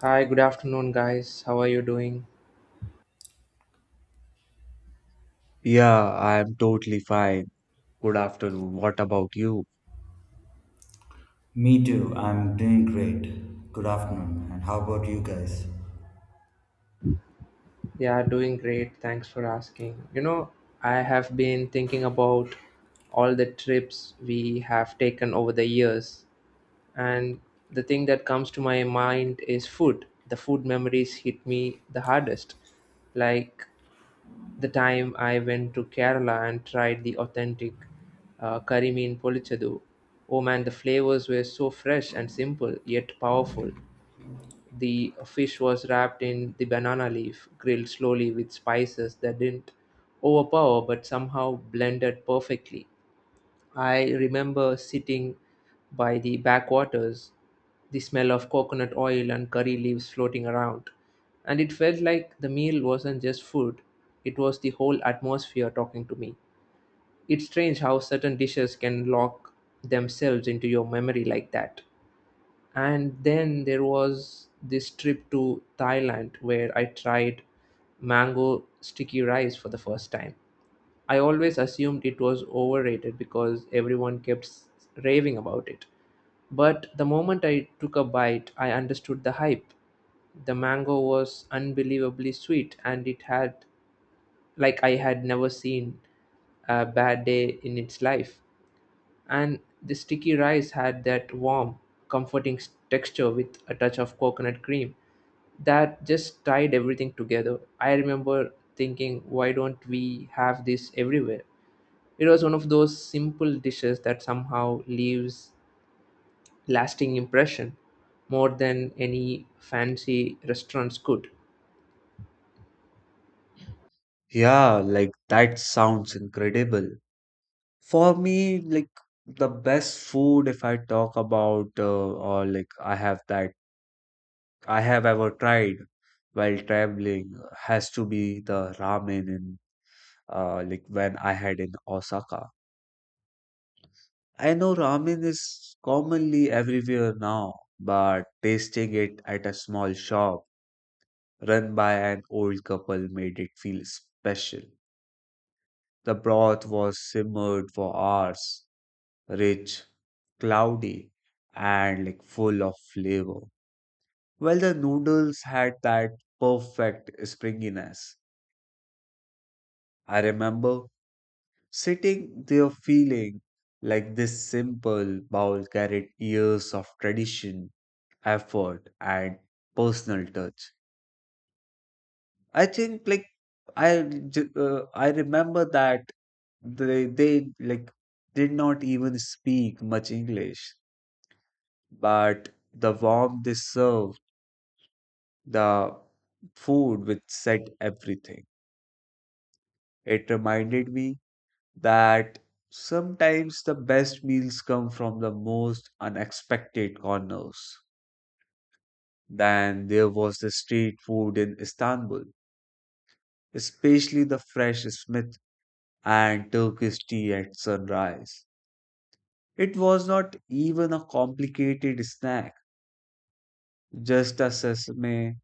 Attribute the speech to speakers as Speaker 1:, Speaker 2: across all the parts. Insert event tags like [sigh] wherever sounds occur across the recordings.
Speaker 1: Hi, good afternoon, guys. How are you doing?
Speaker 2: Yeah, I'm totally fine. Good afternoon. What about you?
Speaker 3: Me too. I'm doing great. Good afternoon. And how about you guys?
Speaker 1: Yeah, doing great. Thanks for asking. You know, I have been thinking about all the trips we have taken over the years, and the thing that comes to my mind is food. The food memories hit me the hardest. Like the time I went to Kerala and tried the authentic curry mean polichadu. Oh man, the flavors were so fresh and simple, yet powerful. The fish was wrapped in the banana leaf, grilled slowly with spices that didn't overpower but somehow blended perfectly. I remember sitting by the backwaters, the smell of coconut oil and curry leaves floating around, and it felt like the meal wasn't just food, it was the whole atmosphere talking to me. It's strange how certain dishes can lock themselves into your memory like that. And then there was this trip to Thailand where I tried mango sticky rice for the first time. I always assumed it was overrated because everyone kept raving about it, but the moment I took a bite I understood the hype. The mango was unbelievably sweet and it had, like, I had never seen a bad day in its life, and the sticky rice had that warm, comforting texture with a touch of coconut cream that just tied everything together. I remember thinking, why don't we have this everywhere? It was one of those simple dishes that somehow leaves lasting impression more than any fancy restaurants could.
Speaker 2: Yeah, like that sounds incredible. For me, like the best food, if I talk about or like I have that I have ever tried while traveling, has to be the ramen in like when I had in Osaka. I know ramen is commonly everywhere now, but tasting it at a small shop. Run by an old couple made it feel special. The broth was simmered for hours, rich, cloudy, and like full of flavor. Well, the noodles had that perfect springiness. I remember sitting there feeling like this simple bowl carried years of tradition, effort, and personal touch. I think like I remember that they like did not even speak much English, but the warmth they served, the food which said everything. It reminded me that sometimes the best meals come from the most unexpected corners. Then there was the street food in Istanbul, especially the fresh Smith and Turkish tea at sunrise. It was not even a complicated snack, just a sesame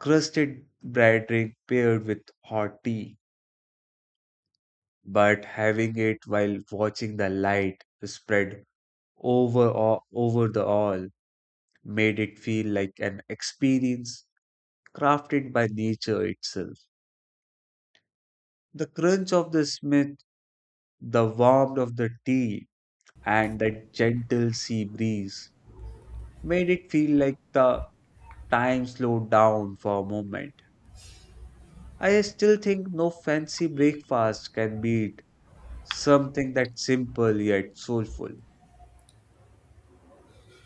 Speaker 2: crusted bread ring paired with hot tea. But having it while watching the light spread over the all made it feel like an experience crafted by nature itself. The crunch of the smith, the warmth of the tea, and the gentle sea breeze made it feel like the time slowed down for a moment. I still think no fancy breakfast can beat something that's simple yet soulful.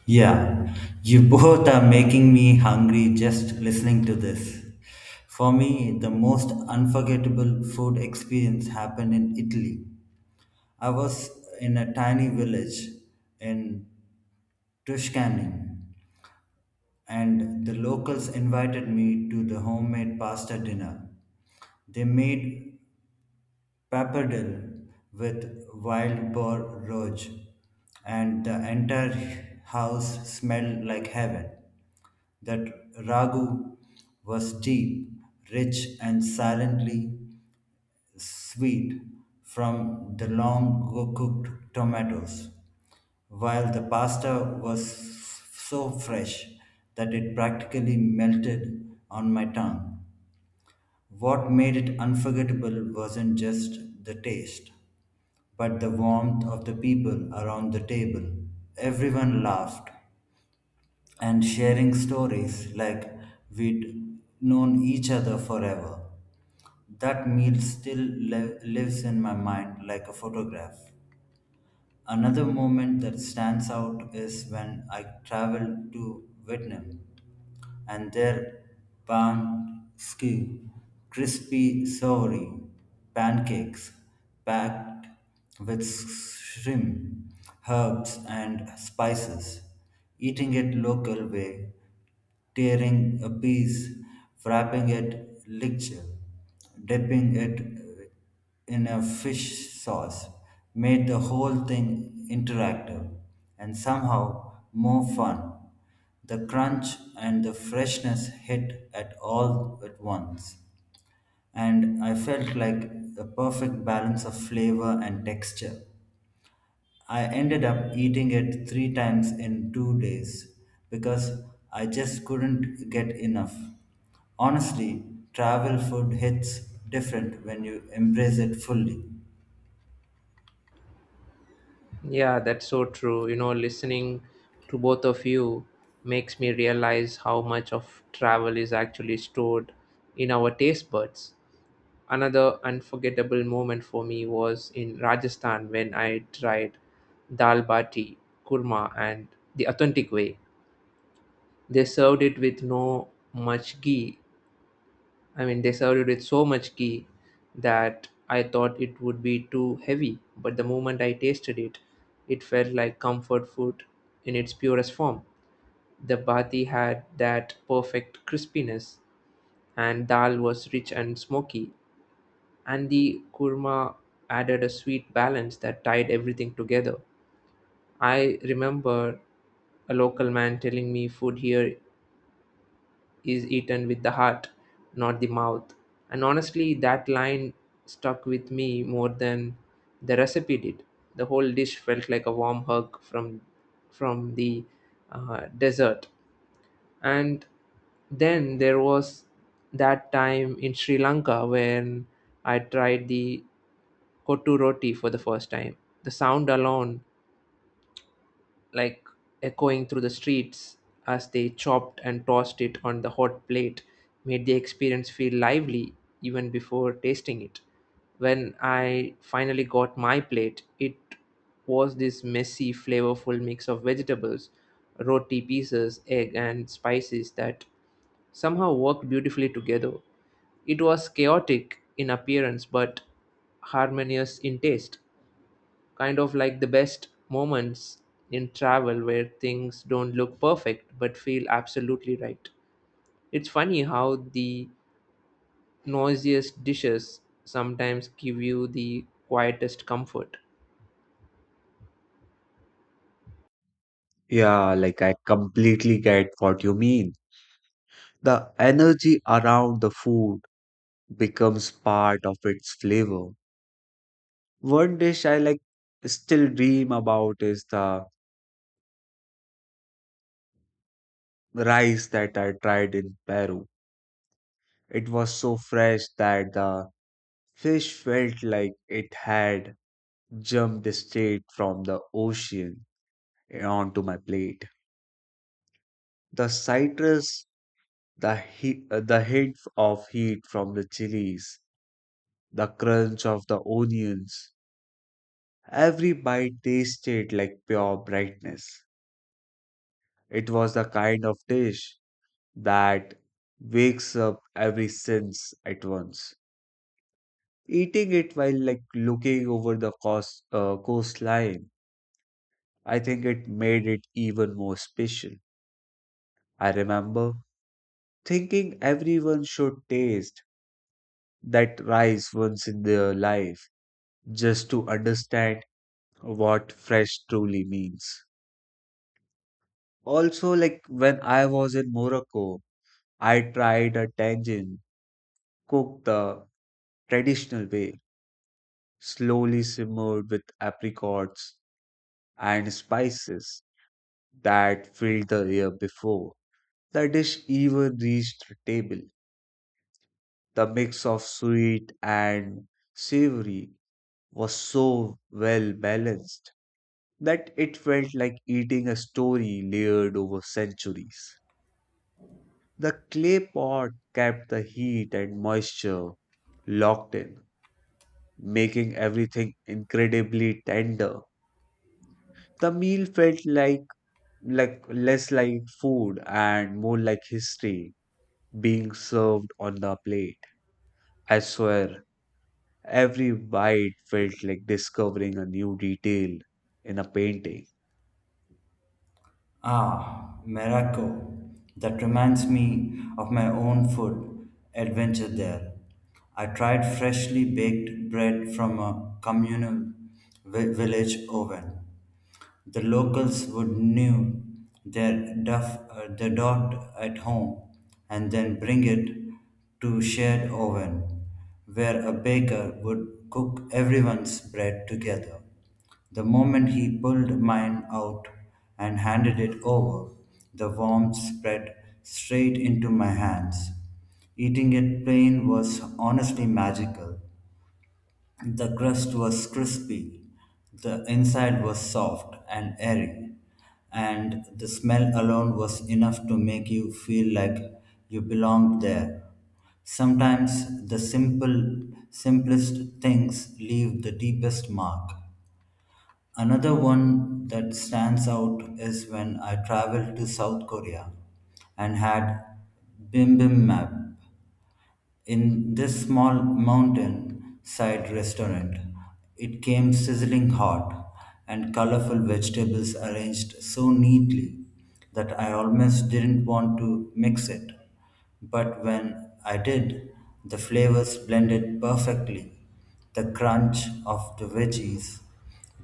Speaker 3: Yeah, you [laughs] both are making me hungry just listening to this. For me, the most unforgettable food experience happened in Italy. I was in a tiny village in Tuscany, and the locals invited me to the homemade pasta dinner. They made Pappardelle with wild boar roach, and the entire house smelled like heaven. That ragu was deep, rich, and silently sweet from the long cooked tomatoes, while the pasta was so fresh that it practically melted on my tongue. What made it unforgettable wasn't just the taste but the warmth of the people around the table. Everyone laughed and sharing stories like we'd known each other forever. That meal still lives in my mind like a photograph. Another moment that stands out is when I traveled to Vietnam and their banh skew, crispy soury pancakes packed with shrimp, herbs, and spices. Eating it local way tearing a piece, wrapping it lichee, dipping it in a fish sauce, made the whole thing interactive and somehow more fun. The crunch and the freshness hit at all at once, and I felt like a perfect balance of flavor and texture. I ended up eating it three times in two days because I just couldn't get enough. Honestly, travel food hits different when you embrace it fully.
Speaker 1: Yeah, that's so true. You know, listening to both of you makes me realize how much of travel is actually stored in our taste buds. Another unforgettable moment for me was in Rajasthan when I tried dal bati, kurma, and the authentic way. They served it with no much ghee. I mean, they served it with so much ghee that I thought it would be too heavy, but the moment I tasted it, it felt like comfort food in its purest form. The bhati had that perfect crispiness, and dal was rich and smoky, and the kurma added a sweet balance that tied everything together. I remember a local man telling me food here is eaten with the heart, not the mouth. And honestly, that line stuck with me more than the recipe did. The whole dish felt like a warm hug from the desert. And then there was that time in Sri Lanka when I tried the kotu roti for the first time. The sound alone, like, echoing through the streets as they chopped and tossed it on the hot plate, made the experience feel lively even before tasting it. When I finally got my plate, it was this messy, flavorful mix of vegetables, roti pieces, egg, and spices that somehow worked beautifully together. It was chaotic in appearance but harmonious in taste, kind of like the best moments in travel where things don't look perfect but feel absolutely right. It's funny how the noisiest dishes sometimes give you the quietest comfort.
Speaker 2: Yeah, like I completely get what you mean. The energy around the food becomes part of its flavor. One dish I like still dream about is the rice that I tried in Peru. It was so fresh that the fish felt like it had jumped straight from the ocean onto my plate. The citrus, the heat, the hint of heat from the chilies, the crunch of the onions, every bite tasted like pure brightness. It was the kind of dish that wakes up every sense at once. Eating it while like looking over the coastline, I think it made it even more special. I remember thinking everyone should taste that rice once in their life just to understand what fresh truly means. Also, like when I was in Morocco, I tried a tangine cooked the traditional way, slowly simmered with apricots and spices that filled the air before. The dish even reached the table. The mix of sweet and savory was so well balanced that it felt like eating a story layered over centuries. The clay pot kept the heat and moisture locked in, making everything incredibly tender. The meal felt like less like food and more like history being served on the plate. I swear, every bite felt like discovering a new detail in a painting.
Speaker 3: Ah, Morocco. That reminds me of my own food adventure there. I tried freshly baked bread from a communal village oven. The locals would knew their duff, the dot at home and then bring it to shared oven, where a baker would cook everyone's bread together. The moment he pulled mine out and handed it over, the warmth spread straight into my hands. Eating it plain was honestly magical. The crust was crispy, the inside was soft and airy, and the smell alone was enough to make you feel like you belonged there. Sometimes simplest things leave the deepest mark. Another one that stands out is when I traveled to South Korea and had Bibimbap in this small mountain side restaurant. It came sizzling hot, and colorful vegetables arranged so neatly that I almost didn't want to mix it. But when I did, the flavors blended perfectly. The crunch of the veggies,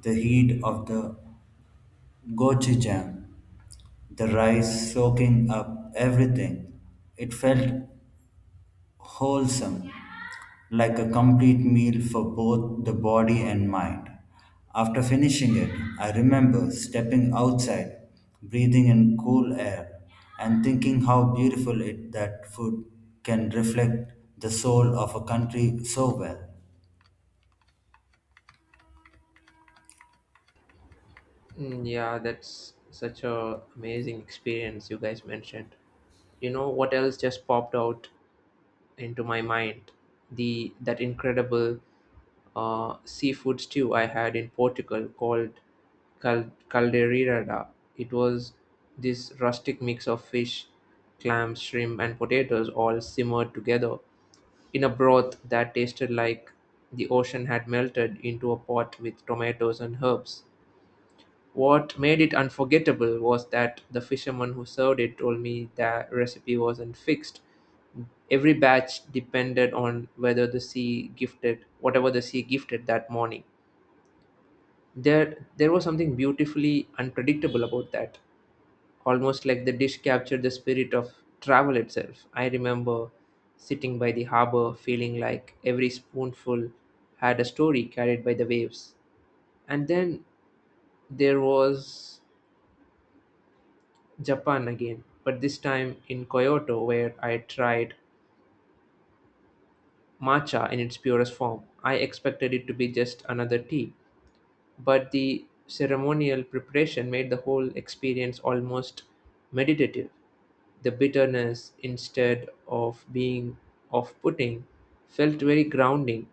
Speaker 3: the heat of the gochujang, the rice soaking up everything. It felt wholesome, like a complete meal for both the body and mind. After finishing it, I remember stepping outside, breathing in cool air, and thinking how beautiful it that food can reflect the soul of a country so well.
Speaker 1: Mm, yeah, that's such a amazing experience you guys mentioned. You know what else just popped out into my mind, the that incredible seafood stew I had in Portugal called caldeirada. It was this rustic mix of fish, clams, shrimp, and potatoes all simmered together in a broth that tasted like the ocean had melted into a pot with tomatoes and herbs. What made it unforgettable was that the fisherman who served it told me that recipe wasn't fixed. Every batch depended on whether the sea gifted whatever the sea gifted that morning. There was something beautifully unpredictable about that. Almost like the dish captured the spirit of travel itself. I remember sitting by the harbor feeling like every spoonful had a story carried by the waves. And then there was Japan again, but this time in Kyoto where I tried matcha in its purest form. I expected it to be just another tea, but the ceremonial preparation made the whole experience almost meditative. The bitterness, instead of being off putting, felt very grounding,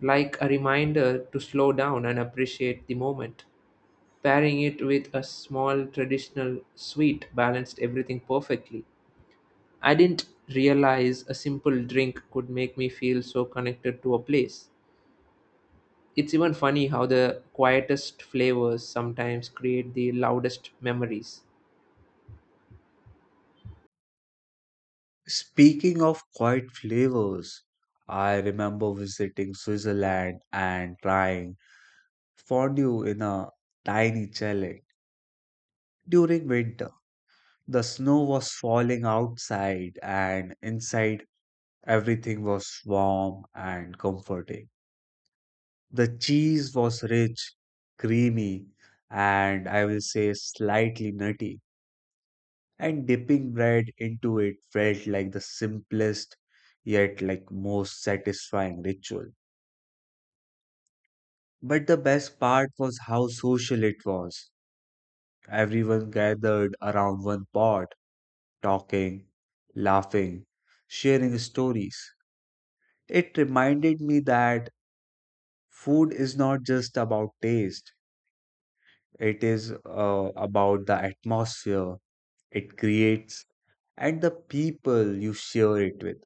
Speaker 1: like a reminder to slow down and appreciate the moment. Pairing it with a small traditional sweet balanced everything perfectly. I didn't realize a simple drink could make me feel so connected to a place. It's even funny how the quietest flavors sometimes create the loudest memories.
Speaker 2: Speaking of quiet flavors, I remember visiting Switzerland and trying fondue in a tiny chalet. During winter, the snow was falling outside, and inside everything was warm and comforting. The cheese was rich, creamy, and I will say slightly nutty, and dipping bread into it felt like the simplest yet like most satisfying ritual. But the best part was how social it was. Everyone gathered around one pot talking, laughing, sharing stories. It reminded me that food is not just about taste, it is about the atmosphere it creates and the people you share it with.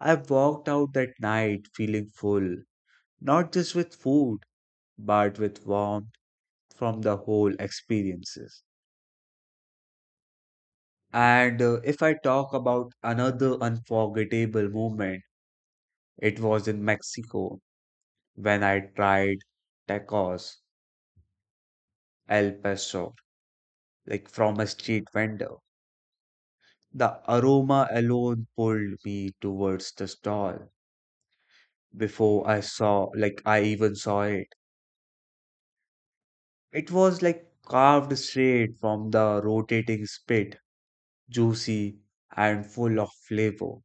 Speaker 2: I walked out that night feeling full, not just with food, but with warmth from the whole experiences. And if I talk about another unforgettable moment, it was in Mexico when I tried tacos al pastor, like from a street vendor. The aroma alone pulled me towards the stall before I even saw it. It was like carved straight from the rotating spit, juicy and full of flavor,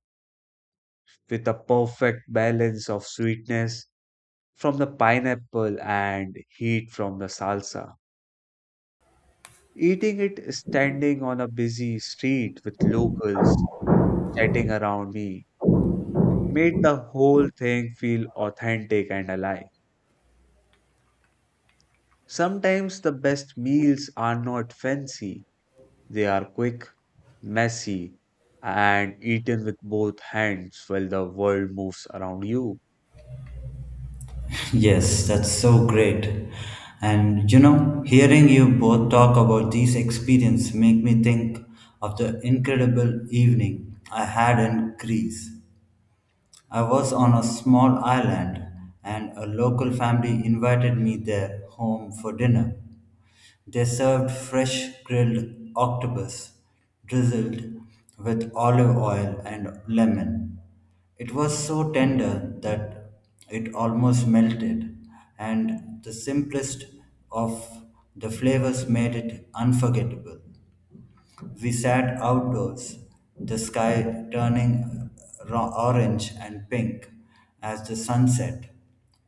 Speaker 2: with a perfect balance of sweetness from the pineapple and heat from the salsa. Eating it standing on a busy street with locals chatting around me made the whole thing feel authentic and alive. Sometimes the best meals are not fancy, they are quick, messy, and eaten with both hands while the world moves around you.
Speaker 3: Yes, that's so great. And you know, hearing you both talk about these experience make me think of the incredible evening I had in Greece. I was on a small island, and a local family invited me their home for dinner. They served fresh grilled octopus drizzled with olive oil and lemon. It was so tender that it almost melted, and the simplest of the flavors made it unforgettable. We sat outdoors, the sky turning orange and pink as the sun set,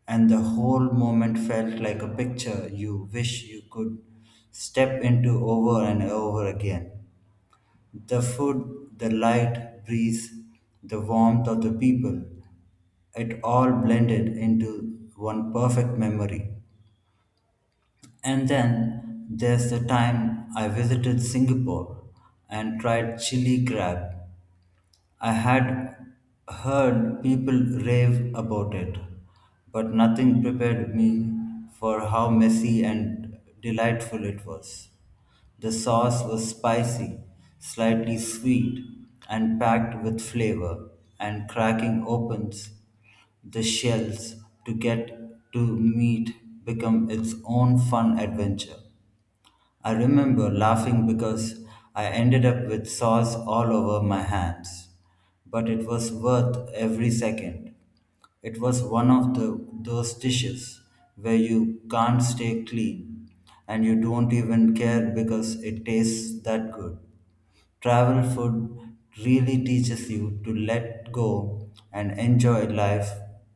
Speaker 3: and the whole moment felt like a picture you wish you could step into over and over again. The food, the light, breeze, the warmth of the people, it all blended into one perfect memory. And then there's the time I visited Singapore and tried chili crab. I had heard people rave about it, but nothing prepared me for how messy and delightful it was. The sauce was spicy, slightly sweet, and packed with flavor, and cracking opens the shells to get to meat become its own fun adventure. I remember laughing because I ended up with sauce all over my hands, but it was worth every second. It was one of those dishes where you can't stay clean and you don't even care because it tastes that good. Travel food really teaches you to let go and enjoy life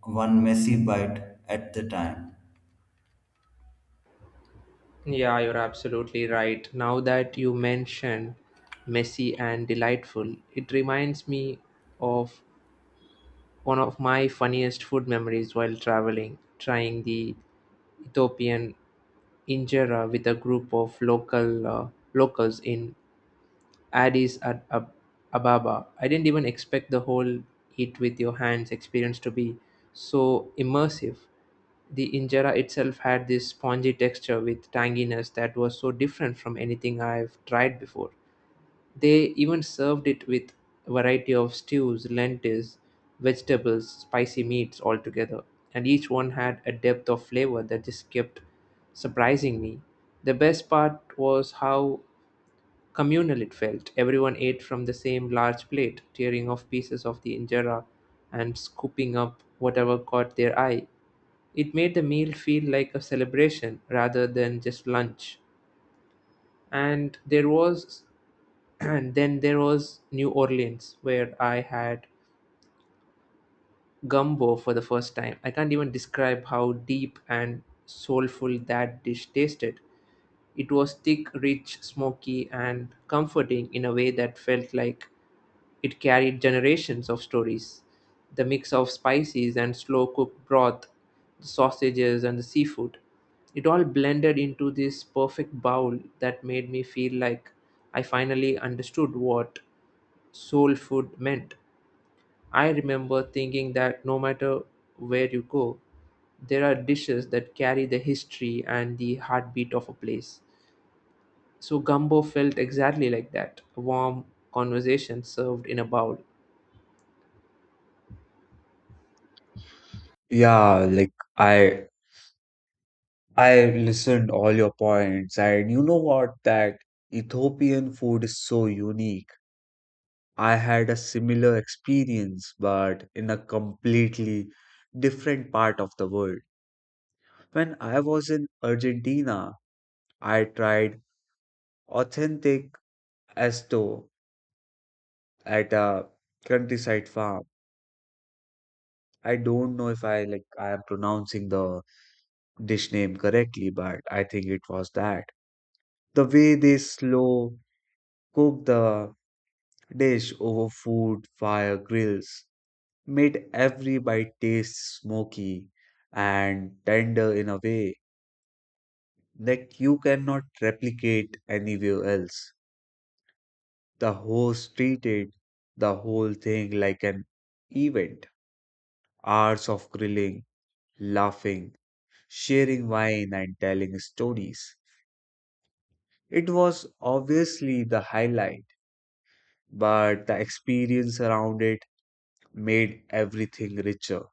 Speaker 3: one messy bite at the time.
Speaker 1: Yeah, you're absolutely right. Now that you mention messy and delightful, it reminds me of one of my funniest food memories while traveling, trying the Ethiopian injera with a group of locals in Addis Ad- Ab- Ababa. I didn't even expect the whole eat with your hands experience to be so immersive. The injera itself had this spongy texture with tanginess that was so different from anything I've tried before. They even served it with a variety of stews, lentils, vegetables, spicy meats all together, and each one had a depth of flavor that just kept surprising me. The best part was how communal it felt. Everyone ate from the same large plate, tearing off pieces of the injera and scooping up whatever caught their eye. It made the meal feel like a celebration rather than just lunch. And there was [clears throat] and then there was New Orleans where I had gumbo for the first time. I can't even describe how deep and soulful that dish tasted. It was thick, rich, smoky, and comforting in a way that felt like it carried generations of stories: the mix of spices and slow-cooked broth, the sausages and the seafood. It all blended into this perfect bowl that made me feel like I finally understood what soul food meant. I remember thinking that no matter where you go, there are dishes that carry the history and the heartbeat of a place. So gumbo felt exactly like that, a warm conversation served in a bowl.
Speaker 2: Yeah, like I I listened all your points, and you know what? That Ethiopian food is so unique. I had a similar experience, but in a completely different part of the world. When I was in Argentina, I tried authentic esto at a countryside farm. I don't know if I like I am pronouncing the dish name correctly, but I think it was that. The way they slow cook the dish over food fire grills made every bite taste smoky and tender in a way that you cannot replicate anywhere else. The host treated the whole thing like an event. Hours of grilling, laughing, sharing wine, and telling stories. It was obviously the highlight, but the experience around it made everything richer.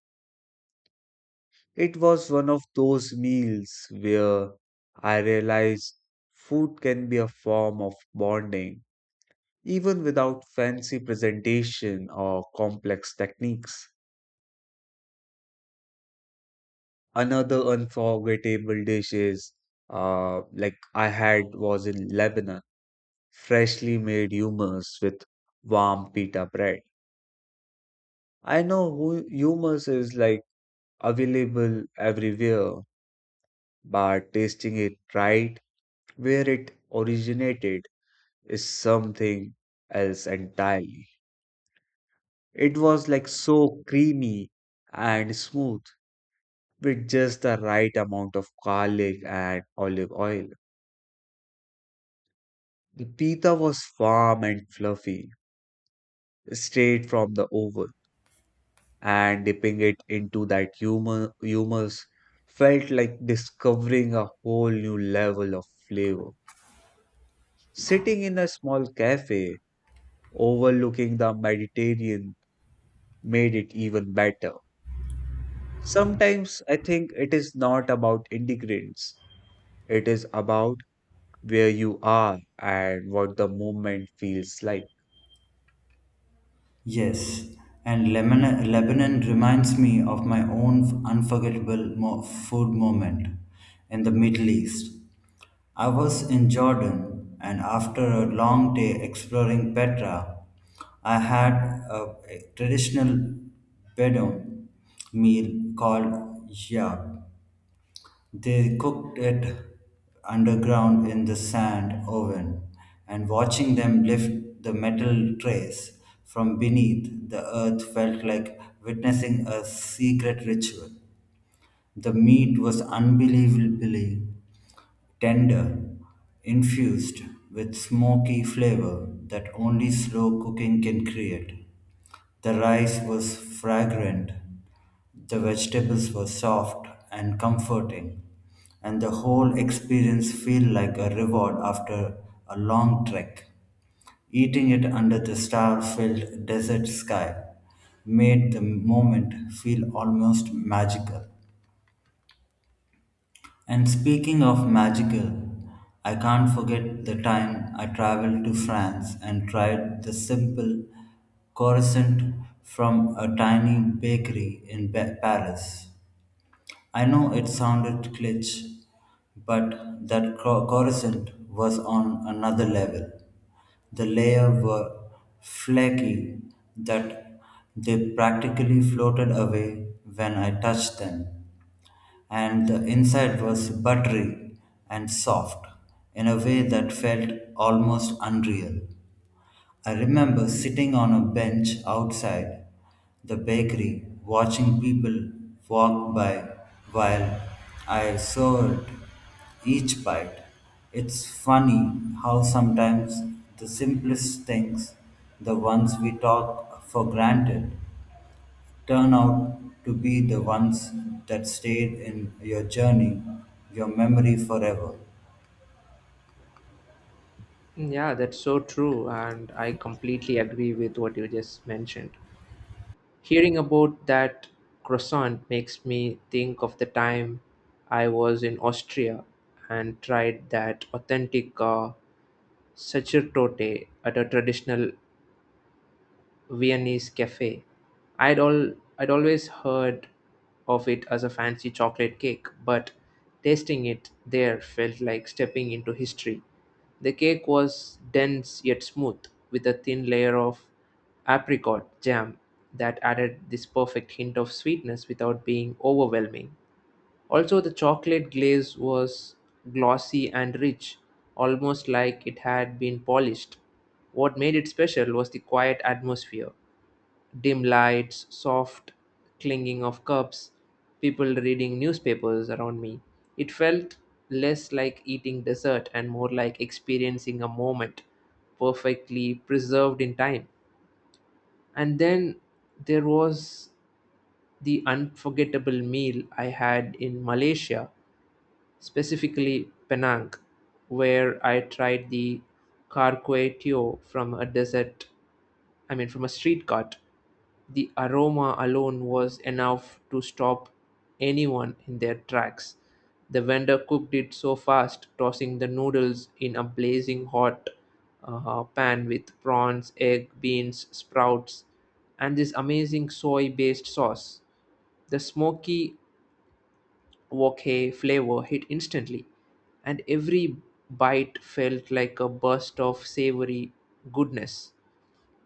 Speaker 2: It was one of those meals where I realized food can be a form of bonding, even without fancy presentation or complex techniques. Another unforgettable dish is like I had was in Lebanon, freshly made hummus with warm pita bread. I know hummus is like available everywhere, but tasting it right where it originated is something else entirely. It was like so creamy and smooth with just the right amount of garlic and olive oil. The pita was warm and fluffy, straight from the oven, and dipping it into that humus felt like discovering a whole new level of flavor. Sitting in a small cafe overlooking the Mediterranean made it even better. Sometimes I think it is not about ingredients, it is about where you are and what the moment feels like.
Speaker 3: Yes, and Lebanon reminds me of my own unforgettable food moment in the Middle East. I was in Jordan, and after a long day exploring Petra, I had a traditional Bedouin meal called yab. They cooked it underground in the sand oven, and watching them lift the metal trays from beneath the earth felt like witnessing a secret ritual. The meat was unbelievably tender, infused with smoky flavor that only slow cooking can create. The rice was fragrant, the vegetables were soft and comforting, and the whole experience felt like a reward after a long trek. Eating it under the star filled desert sky made the moment feel almost magical. And speaking of magical, I can't forget the time I traveled to France and tried the simple croissant from a tiny bakery in Paris. I know it sounded cliché, but that croissant was on another level. The layers were flaky that they practically floated away when I touched them, and the inside was buttery and soft in a way that felt almost unreal. I remember sitting on a bench outside the bakery watching people walk by while I sawed each bite. It's funny how sometimes the simplest things, the ones we talk for granted, turn out to be the ones that stayed in your journey, your memory forever.
Speaker 1: Yeah, that's so true. And I completely agree with what you just mentioned. Hearing about that croissant makes me think of the time I was in Austria and tried that authentic sacerdote at a traditional Viennese cafe. I'd all I'd always heard of it as a fancy chocolate cake, but tasting it there felt like stepping into history. The cake was dense yet smooth, with a thin layer of apricot jam that added this perfect hint of sweetness without being overwhelming. Also, the chocolate glaze was glossy and rich, almost like it had been polished. What made it special was the quiet atmosphere: dim lights, soft clinking of cups, people reading newspapers around me. It felt less like eating dessert and more like experiencing a moment perfectly preserved in time. And then there was the unforgettable meal I had in Malaysia, specifically Penang, where I tried the Kar Kway Teow from a dessert, I mean, from a street cart. The aroma alone was enough to stop anyone in their tracks. The vendor cooked it so fast, tossing the noodles in a blazing hot pan with prawns, egg, beans, sprouts, and this amazing soy based sauce. The smoky wok hei flavor hit instantly, and every bite felt like a burst of savory goodness.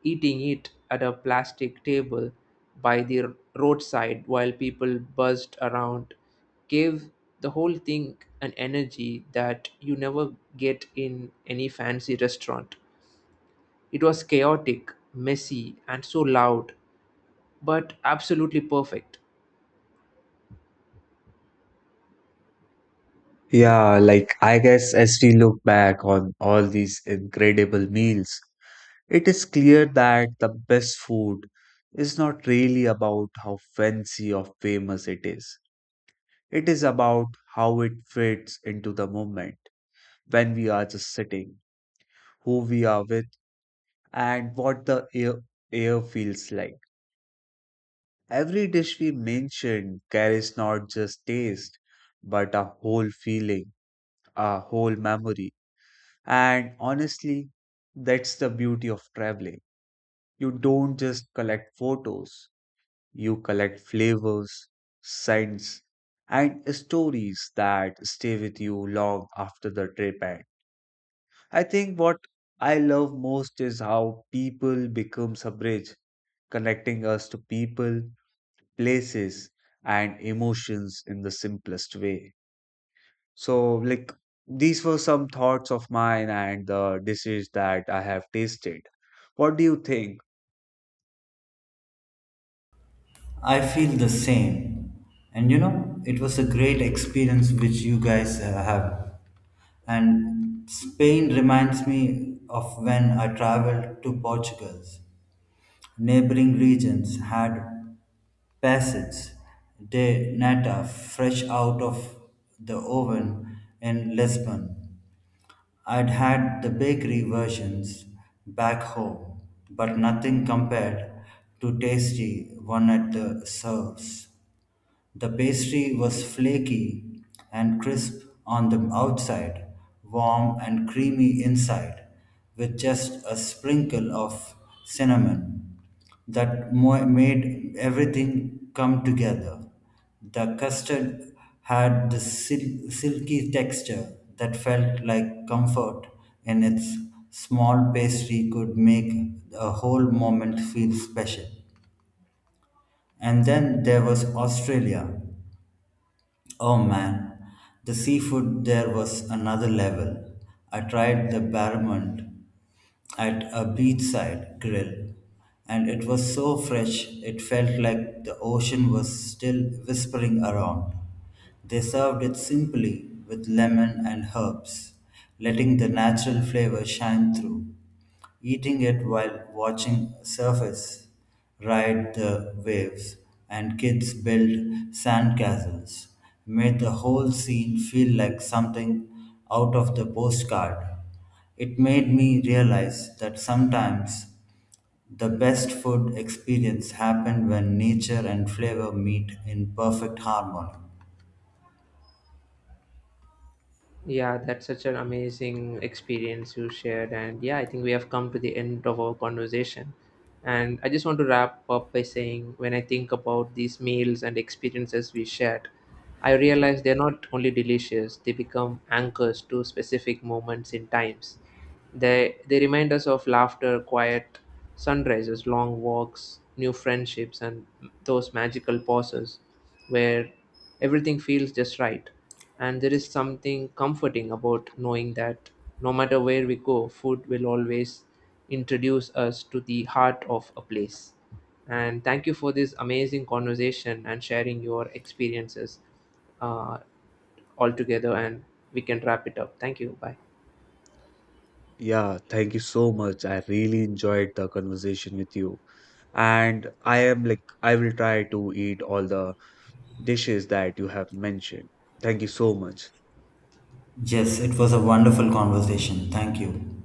Speaker 1: Eating it at a plastic table by the roadside while people buzzed around gave the whole thing an energy that you never get in any fancy restaurant. It was chaotic, messy, and so loud, but absolutely perfect.
Speaker 2: Yeah, like I guess as we look back on all these incredible meals, it is clear that the best food is not really about how fancy or famous it is. It is about how it fits into the moment when we are just sitting, who we are with, and what the air feels like. Every dish we mention carries not just taste, but a whole feeling, a whole memory. And honestly, that's the beauty of traveling. You don't just collect photos, you collect flavors, scents, and stories that stay with you long after the trip ends. I think what I love most is how people becomes a bridge, connecting us to people, places, and emotions in the simplest way. So, like, these were some thoughts of mine and the dishes that I have tasted. What do you think?
Speaker 3: I feel the same. And you know, it was a great experience which you guys have. And Spain reminds me of when I traveled to Portugal. Neighboring regions had passage de nata fresh out of the oven in Lisbon. I'd had the bakery versions back home, but nothing compared to tasty one at the serves. The pastry was flaky and crisp on the outside, warm and creamy inside, with just a sprinkle of cinnamon that made everything come together. The custard had the silky texture that felt like comfort in its small pastry could make a whole moment feel special. And then there was Australia. Oh man, the seafood there was another level. I tried the barramundi at a beachside grill, and it was so fresh it felt like the ocean was still whispering around. They served it simply with lemon and herbs, letting the natural flavor shine through. Eating it while watching surface ride the waves and kids build sandcastles made the whole scene feel like something out of the postcard. It made me realize that sometimes the best food experience happen when nature and flavor meet in perfect harmony.
Speaker 1: Yeah, that's such an amazing experience you shared. And yeah, I think we have come to the end of our conversation. And I just want to wrap up by saying when I think about these meals and experiences we shared, I realize they're not only delicious, they become anchors to specific moments in times. They remind us of laughter, quiet sunrises, long walks, new friendships, and those magical pauses where everything feels just right. And there is something comforting about knowing that no matter where we go, food will always introduce us to the heart of a place. And thank you for this amazing conversation and sharing your experiences uh, all together. And we can wrap it up. Thank you. Bye.
Speaker 2: Yeah, thank you so much. I really enjoyed the conversation with you. And I am like, I will try to eat all the dishes that you have mentioned. Thank you so much.
Speaker 3: Yes, it was a wonderful conversation. Thank you.